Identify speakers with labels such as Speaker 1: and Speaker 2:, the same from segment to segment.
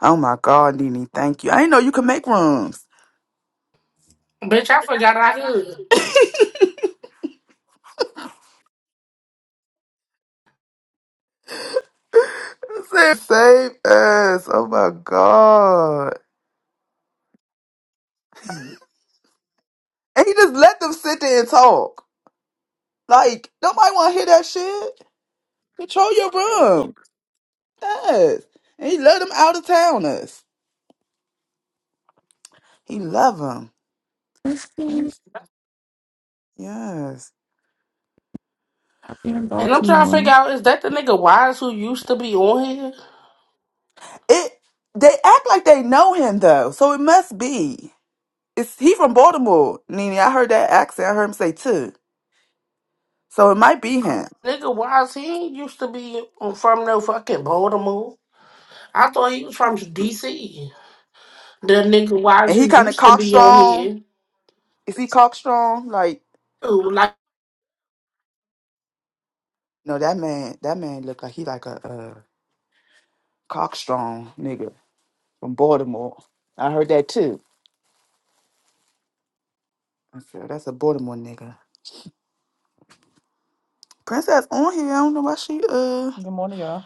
Speaker 1: Oh my God, Nene, thank you. I didn't know you could make rooms. It said save us. Oh my God. And he just let them sit there and talk. Like, nobody want to hear that shit. Control your room. Yes. And he let them out of town us. He love them.
Speaker 2: This team
Speaker 1: Yes. Yes.
Speaker 2: in
Speaker 3: And I'm trying to figure
Speaker 2: Baltimore.
Speaker 3: out is that the nigga Wise who used to be on here?
Speaker 1: It. They act like they know him though, so it must be. It's he from Baltimore, Nene. I heard that accent. I heard him say too, so it might be him.
Speaker 3: Nigga Wise, he ain't used to be on- from no fucking Baltimore. I thought he was from DC. The nigga Wise
Speaker 1: And he
Speaker 3: who
Speaker 1: kind of
Speaker 3: used to be on
Speaker 1: cockstrong.
Speaker 3: here.
Speaker 1: Is he cock strong? Like
Speaker 3: Ooh, like
Speaker 1: no, that man. That man looked like he like a uh, cock strong nigga from Baltimore. I heard that too. I said that's a Baltimore nigga. Princess on here. I don't know why she uh
Speaker 4: Good morning, y'all.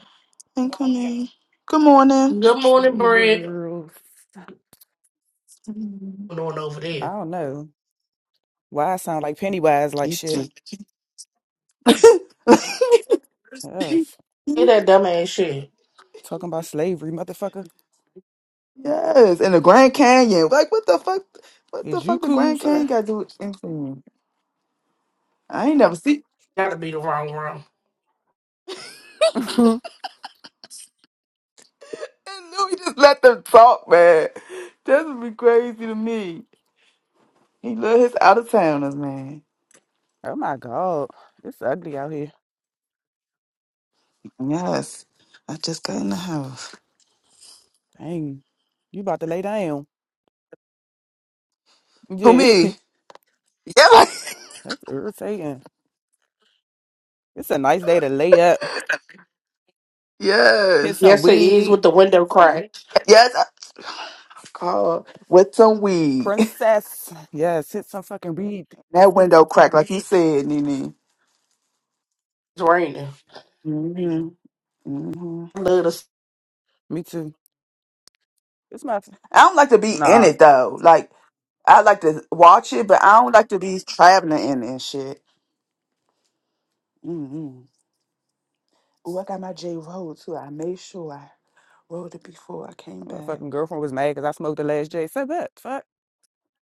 Speaker 1: ain't come in. Good morning.
Speaker 3: Good Morning
Speaker 4: Hey
Speaker 3: Bread.
Speaker 4: girls.
Speaker 1: Mhm.
Speaker 3: Going on over
Speaker 4: I
Speaker 3: there.
Speaker 4: don't know why I sound like Pennywise like
Speaker 1: He
Speaker 4: shit.
Speaker 1: just- yes,
Speaker 4: Yes.
Speaker 3: Hear that
Speaker 1: in
Speaker 3: dumb ass shit.
Speaker 4: Talking about slavery, motherfucker.
Speaker 1: the Grand Canyon. Like what the fuck? What the
Speaker 4: Is you
Speaker 1: fuck? The
Speaker 4: cool,
Speaker 1: Grand Canyon
Speaker 4: sir?
Speaker 1: got to do with anything? I ain't never see.
Speaker 3: Gotta be the wrong room.
Speaker 4: oh
Speaker 1: And then we just let them talk, man. That would be crazy to me. He love his out of towners, man.
Speaker 4: my god. It's ugly out here.
Speaker 1: Yes. I just got in the house.
Speaker 4: Dang. You about to lay down.
Speaker 1: Who
Speaker 4: Yeah.
Speaker 1: me? Yeah, like,
Speaker 4: That's irritating. It's a nice day to lay up. Hit
Speaker 1: yes.
Speaker 4: some
Speaker 3: Yes, it is
Speaker 4: weed.
Speaker 3: with the window cracked.
Speaker 1: Yes. I, call with some weed.
Speaker 4: Princess. Yes, hit some fucking weed.
Speaker 1: That window cracked, like you said, Nene.
Speaker 3: It's raining.
Speaker 1: hmm hmm
Speaker 3: I love this.
Speaker 4: Me too. It's my
Speaker 1: I don't like to be in
Speaker 4: nah.
Speaker 1: it though. Like I like to watch it, but I don't like to be traveling in it and shit. hmm Oh, I got my J roll too. I made sure I rolled it before I came
Speaker 4: My
Speaker 1: back.
Speaker 4: fucking girlfriend was mad because I smoked the last J. Said that. Fuck.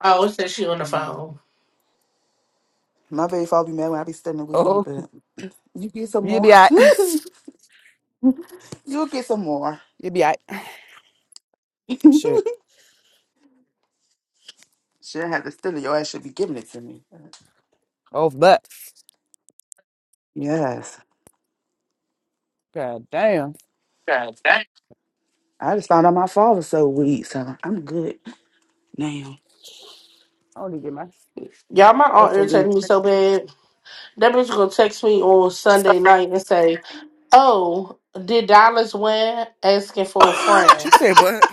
Speaker 3: Oh, it says she on the
Speaker 1: Mhm.
Speaker 3: phone.
Speaker 1: My baby father be mad when I be studying
Speaker 4: Oh,
Speaker 1: weed, You get some
Speaker 4: you
Speaker 1: more.
Speaker 4: be out.
Speaker 1: You'll get some more.
Speaker 4: You'll be out. Shit.
Speaker 1: She'll have to steal it. Your ass should be giving it to me.
Speaker 4: Oh, but.
Speaker 1: Yes.
Speaker 4: God damn.
Speaker 1: I just found out my father so weak, so I'm good now.
Speaker 4: I don't even get my.
Speaker 3: Y'all, my aunt
Speaker 1: Hopefully.
Speaker 3: irritated me so bad. That bitch gonna text me on Sunday night and say, "Oh, did Dallas win?" Asking for a
Speaker 1: oh,
Speaker 3: friend.
Speaker 4: She said, "But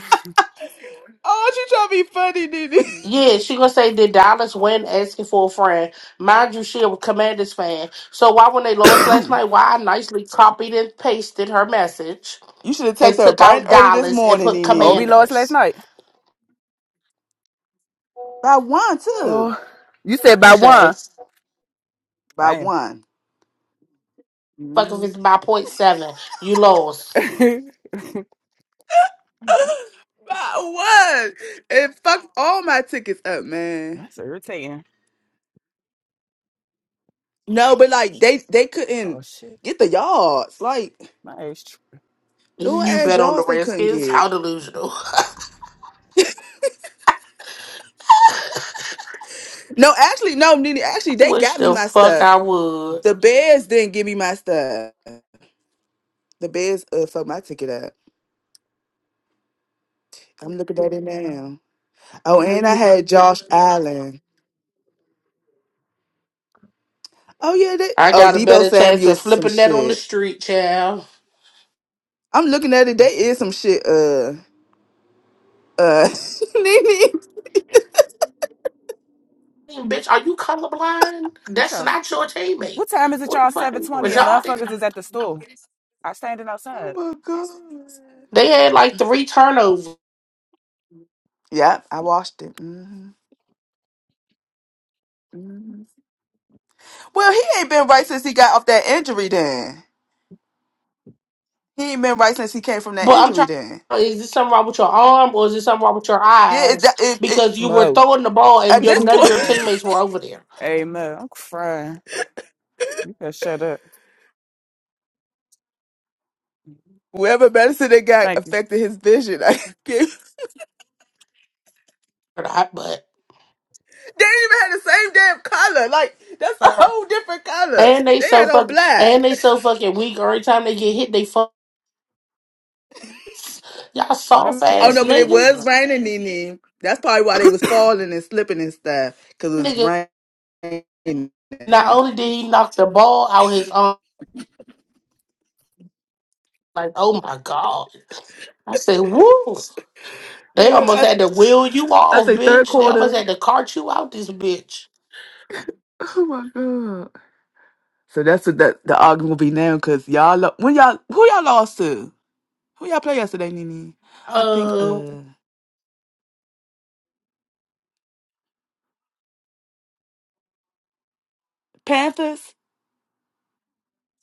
Speaker 1: she trying to be funny, Nene.
Speaker 3: Yeah, she gonna say, did Dallas win asking for a friend? Mind you, she a Commanders fan. So why when they lost last night, why I nicely copied and pasted her message
Speaker 1: You should have
Speaker 3: and
Speaker 1: texted her
Speaker 3: took
Speaker 1: bright and
Speaker 3: out
Speaker 1: early this
Speaker 3: Dallas and
Speaker 1: morning,
Speaker 3: put
Speaker 4: Oh, be
Speaker 1: Nene.
Speaker 4: Lois last
Speaker 3: Commanders.
Speaker 4: night.
Speaker 1: By one, too.
Speaker 4: oh, You said by
Speaker 3: Tuesday.
Speaker 4: one.
Speaker 1: By
Speaker 4: Damn.
Speaker 1: one.
Speaker 3: Fuck if
Speaker 1: hmm
Speaker 3: it's by point seven. You lost.
Speaker 1: By one. It fucked all my tickets up, man.
Speaker 4: That's irritating.
Speaker 1: No, but like they they couldn't
Speaker 4: Oh, shit.
Speaker 1: get the yards. Like
Speaker 4: My age. tr-
Speaker 1: little
Speaker 3: You
Speaker 1: ass
Speaker 3: bet on the
Speaker 1: yards they couldn't
Speaker 3: Redskins? How
Speaker 1: get.
Speaker 3: delusional.
Speaker 1: No, actually, no, Nene.
Speaker 3: I
Speaker 1: Actually, they
Speaker 3: wish
Speaker 1: got me
Speaker 3: the
Speaker 1: my
Speaker 3: fuck I
Speaker 1: stuff.
Speaker 3: would.
Speaker 1: The Bears didn't give me my stuff. The Bears uh, fucked my ticket up. I'm looking at it now. Oh, and I had Josh Allen. Oh yeah, they.
Speaker 3: I
Speaker 1: Oh,
Speaker 3: got a
Speaker 1: Debo
Speaker 3: better chance of
Speaker 1: Samuel's some
Speaker 3: flipping that on the
Speaker 1: shit.
Speaker 3: street, child.
Speaker 1: I'm looking at it. They is some shit. Uh, uh, Nene.
Speaker 3: Hey, Bitch, are you colorblind?
Speaker 4: I'm
Speaker 3: That's
Speaker 4: trying.
Speaker 3: not your teammate.
Speaker 4: What time is it,
Speaker 3: What
Speaker 4: y'all?
Speaker 3: the fuck?
Speaker 4: 720 and motherfuckers
Speaker 3: Retarded?
Speaker 4: is at the store. I standing
Speaker 1: Oh
Speaker 4: outside.
Speaker 1: my god.
Speaker 3: They had like three turnovers.
Speaker 1: Yep, I watched it. hmm hmm Well, he ain't been right since he got off that injury. Then he ain't been right since he came from that
Speaker 3: But I'm
Speaker 1: injury.
Speaker 3: trying.
Speaker 1: Then
Speaker 3: Is this something wrong with your arm or is this something wrong with your
Speaker 1: yeah, it,
Speaker 3: eyes?
Speaker 1: that- it, it,
Speaker 3: Because you were
Speaker 4: Mo.
Speaker 3: throwing the ball and
Speaker 1: at
Speaker 3: your
Speaker 1: this
Speaker 3: none of your
Speaker 1: point.
Speaker 3: teammates were over there.
Speaker 4: Hey, Mo. I'm crying. You better shut up.
Speaker 1: Whoever medicine they got
Speaker 4: Thank you.
Speaker 1: affected his vision. I can't-
Speaker 3: Or not, But
Speaker 1: they didn't even have the same damn color. Like that's a
Speaker 4: Sorry.
Speaker 1: whole different color.
Speaker 3: and they
Speaker 1: They
Speaker 3: so
Speaker 1: had on
Speaker 3: fucking and
Speaker 1: black.
Speaker 3: they so fucking weak. Every time they get hit, they fuck. Y'all
Speaker 4: Let
Speaker 3: soft
Speaker 4: me get
Speaker 1: Oh
Speaker 4: my
Speaker 3: ass
Speaker 1: no, but it
Speaker 4: dress. I'm
Speaker 1: was
Speaker 4: drunk.
Speaker 3: niggas.
Speaker 1: raining, Nene. That's probably why they was falling and slipping and stuff because it was raining.
Speaker 3: Not only did he knock the ball out his arm, like, oh my God. I said, woo. They
Speaker 1: Man,
Speaker 3: almost
Speaker 1: I,
Speaker 3: had to wheel you
Speaker 1: I
Speaker 3: off,
Speaker 1: think third
Speaker 3: bitch. They almost
Speaker 1: quarter.
Speaker 3: had to cart you out this bitch.
Speaker 1: Oh my god! So that's what that the argument will be now because y'all lo- when y'all who y'all lost to who y'all play yesterday, Nene? I think
Speaker 3: Uh
Speaker 1: uh Panthers,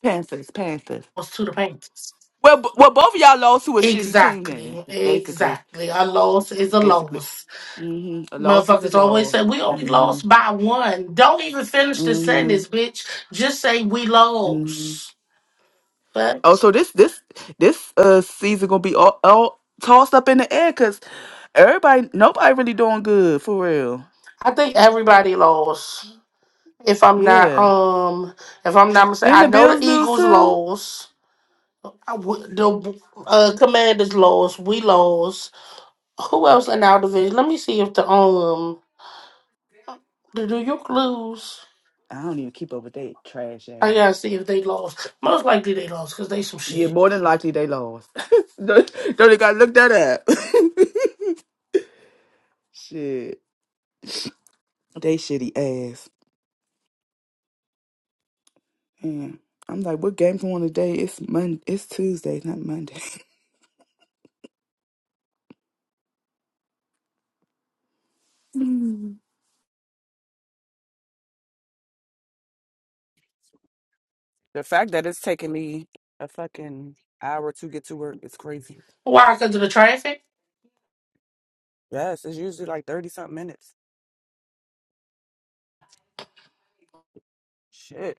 Speaker 1: Panthers, Panthers.
Speaker 3: was to the Panthers.
Speaker 1: Well, b- well, both of y'all lost to a shitty team then,
Speaker 3: Exactly.
Speaker 1: basically.
Speaker 3: Exactly. A loss is a
Speaker 1: Basically,
Speaker 3: loss.
Speaker 1: hmm a loss is a
Speaker 3: Motherfuckers always
Speaker 1: loss.
Speaker 3: say we only
Speaker 1: hmm
Speaker 3: lost by one. Don't even finish the
Speaker 1: hmm
Speaker 3: sentence, bitch. Just say we
Speaker 1: hmm
Speaker 3: lost. But
Speaker 1: Oh, so this this this uh season gonna be all, all tossed up in the air because everybody, nobody really doing good for real.
Speaker 3: I think everybody lost. If I'm not,
Speaker 1: Yeah.
Speaker 3: um, if I'm not mistaken,
Speaker 1: Then the
Speaker 3: I know the
Speaker 1: Bills lose
Speaker 3: Eagles
Speaker 1: too.
Speaker 3: lost. I w- The uh, Commanders lost. We lost. Who else in our division? Let me see if the um the New York lose.
Speaker 1: I don't even keep up with that trash
Speaker 3: I
Speaker 1: ass.
Speaker 3: gotta see if they lost. Most likely they lost because they some
Speaker 1: Yeah,
Speaker 3: shit.
Speaker 1: more than likely they lost. Don't don't they gotta look that up. Shit, they shitty ass. And I'm like, what game's on today? It's Monday. It's Tuesday, not Monday.
Speaker 4: The fact that it's taking me a fucking hour to get to work is crazy.
Speaker 3: Why? Because of the traffic.
Speaker 4: Yes, it's usually like 30 something minutes. Shit.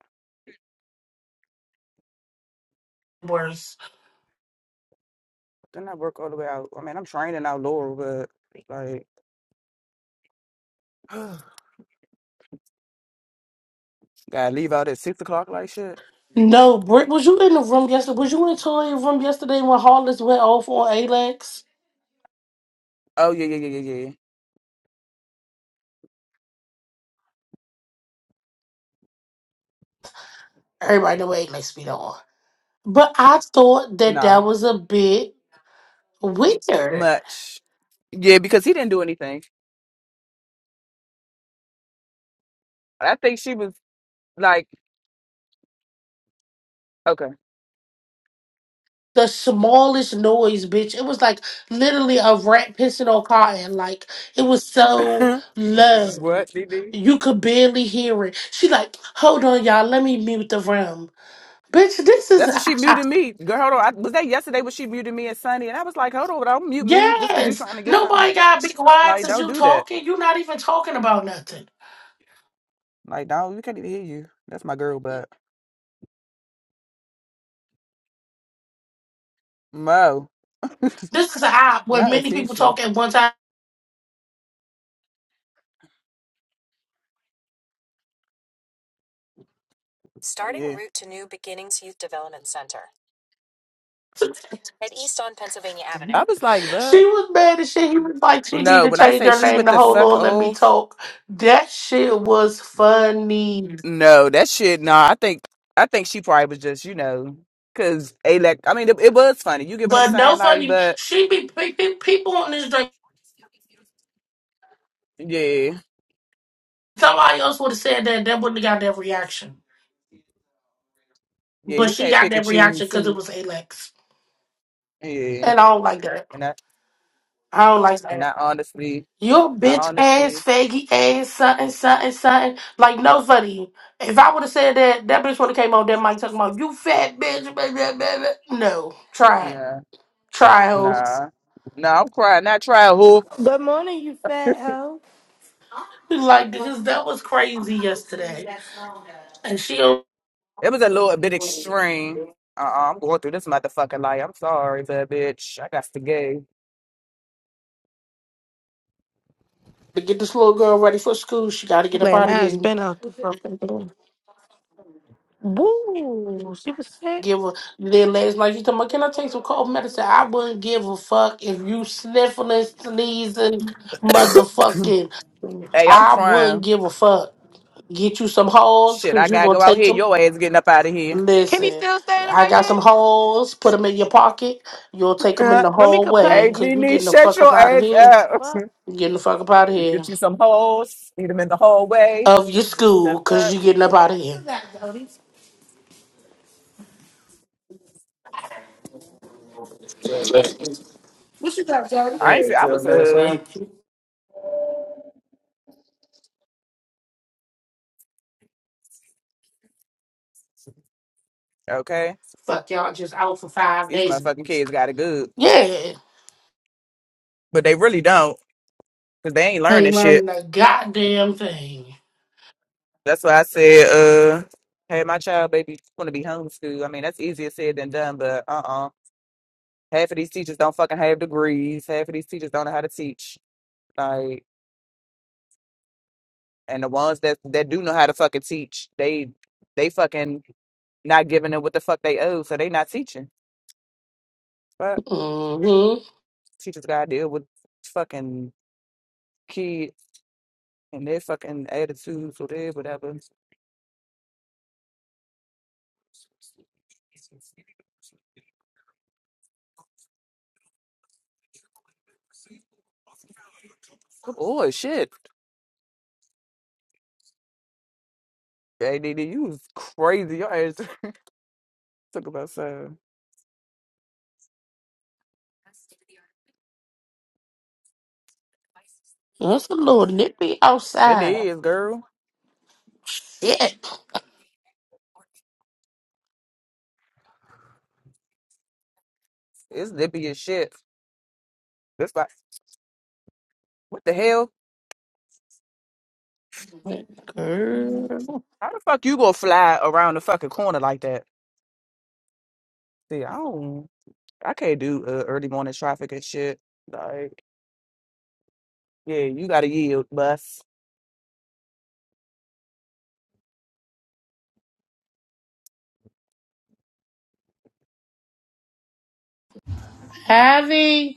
Speaker 3: Worse.
Speaker 4: Then I work all the way out. I mean, I'm training out Laurel, but like, gotta leave out at six o'clock, like shit.
Speaker 3: No, Britt, was you in the room yesterday? Was you in Toya's room yesterday when Hollis went off on Alex?
Speaker 4: Oh, yeah, yeah, yeah, yeah, yeah.
Speaker 3: Everybody know what Alex be on. But I thought that
Speaker 4: Nah,
Speaker 3: that was a bit weird.
Speaker 4: much. Yeah, because he didn't do anything. I think she was like, okay.
Speaker 3: the smallest noise, bitch. It was like literally a rat pissing on cotton. Like it was so low.
Speaker 4: what, DD?
Speaker 3: You could barely hear it. She like, hold on, y'all, let me mute the room. Bitch, this is
Speaker 4: That's what she muted me. Girl, hold on. I, was that yesterday when she muted me and Sunny? And I was like, hold on, don't mute me just because you
Speaker 3: yes.
Speaker 4: trying to get something.
Speaker 3: Nobody gotta be quiet
Speaker 4: Like,
Speaker 3: since
Speaker 4: don't
Speaker 3: you
Speaker 4: do that.
Speaker 3: talking. you not even talking about nothing.
Speaker 4: Like, no, we can't even hear you. That's my girl, but Mo,
Speaker 3: This is an app where
Speaker 4: not a
Speaker 3: many people
Speaker 4: teacher.
Speaker 3: talk at one time.
Speaker 4: Yeah. I was like, but
Speaker 3: she was mad as shit. He was like, she need
Speaker 4: no,
Speaker 3: to
Speaker 4: when I
Speaker 3: change
Speaker 4: say
Speaker 3: her
Speaker 4: she
Speaker 3: name
Speaker 4: with
Speaker 3: to
Speaker 4: the
Speaker 3: hold
Speaker 4: suck
Speaker 3: on, let me
Speaker 4: off,
Speaker 3: talk. That shit was funny.
Speaker 4: no, that shit, no. nah. I think I think she probably was just, you know, cause Alec. I mean, it, it was funny. You get what I'm
Speaker 3: But no
Speaker 4: saying, like,
Speaker 3: funny,
Speaker 4: but
Speaker 3: she be pe- pe- people on this drink.
Speaker 4: yeah,
Speaker 3: Somebody else would have said that. That wouldn't have got that reaction.
Speaker 4: yeah,
Speaker 3: But
Speaker 4: you
Speaker 3: she
Speaker 4: can't
Speaker 3: got
Speaker 4: pick
Speaker 3: that
Speaker 4: and
Speaker 3: reaction
Speaker 4: choose
Speaker 3: because it
Speaker 4: who.
Speaker 3: was Alex,
Speaker 4: Yeah,
Speaker 3: and I don't like that.
Speaker 4: and I
Speaker 3: I don't like
Speaker 4: and
Speaker 3: that.
Speaker 4: I honestly,
Speaker 3: Your
Speaker 4: I
Speaker 3: bitch ass,
Speaker 4: honestly,
Speaker 3: faggy ass, something, something, something. Like no funny. If I would have said that, that bitch would have came on that mic talking about you fat bitch. Blah, blah, blah, blah." No, try it,
Speaker 4: nah,
Speaker 3: try ho.
Speaker 4: nah, nah. I'm crying. Not trying who.
Speaker 5: Good morning, you fat hoe.
Speaker 3: Like because that was crazy yesterday, and she don't-
Speaker 4: It was a little bit extreme. Uh, uh I'm going through this motherfucking life. I'm sorry, but bitch, I got to gay.
Speaker 3: to get this little girl ready for school. She got to
Speaker 5: I'm
Speaker 3: get up
Speaker 5: glad
Speaker 3: out of
Speaker 5: mine's
Speaker 3: here.
Speaker 5: been out the fucking door. Boo, she was sick.
Speaker 3: give a then last night you talking about can I take some cold medicine? I wouldn't give a fuck if you sniffling, sneezing, motherfucking.
Speaker 4: Hey, I'm
Speaker 3: I wouldn't
Speaker 4: crying.
Speaker 3: give a fuck. Get you some holes
Speaker 4: Shit,
Speaker 3: because
Speaker 4: I
Speaker 3: you
Speaker 4: gotta
Speaker 3: gonna
Speaker 4: go out
Speaker 3: take
Speaker 4: here.
Speaker 3: them.
Speaker 4: Your ass getting up out of here.
Speaker 5: Kenny
Speaker 3: Listen,
Speaker 5: still standing
Speaker 3: I
Speaker 5: right
Speaker 3: got
Speaker 5: there?
Speaker 3: some holes. Put them in your pocket. You'll take them in
Speaker 4: hey,
Speaker 3: the
Speaker 5: Let me
Speaker 3: whole way
Speaker 5: complain.
Speaker 3: because you
Speaker 4: Nene,
Speaker 3: getting the
Speaker 4: shut
Speaker 3: fuck up
Speaker 4: your
Speaker 3: out of
Speaker 4: ass
Speaker 3: here.
Speaker 4: up.
Speaker 5: Fuck.
Speaker 3: You getting the fuck up out of here
Speaker 4: Get you some hoes. Need them in the hallway.
Speaker 3: of your school
Speaker 4: The
Speaker 3: because
Speaker 4: fuck?
Speaker 3: you getting up out of here.
Speaker 5: What you got,
Speaker 4: I ain't. see- I was uh
Speaker 5: Jody?
Speaker 4: okay.
Speaker 3: Fuck y'all, just out for five
Speaker 4: These
Speaker 3: days.
Speaker 4: motherfucking kids got it good,
Speaker 3: Yeah.
Speaker 4: but they really don't, cause they ain't learning
Speaker 3: Ain't
Speaker 4: shit.
Speaker 3: learning a goddamn thing.
Speaker 4: That's why I said uh. Hey, my child, baby, want to be homeschooled. I mean, that's easier said than done, but uh uh Half of these teachers don't fucking have degrees. Half of these teachers don't know how to teach. Like, and the ones that that do know how to fucking teach, they they fucking not giving them what the fuck they owe, so they not teaching. But
Speaker 3: Mm-hmm.
Speaker 4: teachers gotta deal with fucking kids and their fucking attitudes or their whatever. Oh shit, ADD, you was crazy. Your ass took about so.
Speaker 3: That's a little nippy
Speaker 4: It
Speaker 3: outside.
Speaker 4: is, girl.
Speaker 3: Shit.
Speaker 4: It's nippy as shit. It's like, what the hell?
Speaker 3: Girl.
Speaker 4: How the fuck you gonna fly around the fucking corner like that? See, I don't, I can't do uh, early morning traffic and shit. Like, yeah, you gotta yield, bus.
Speaker 3: Javi.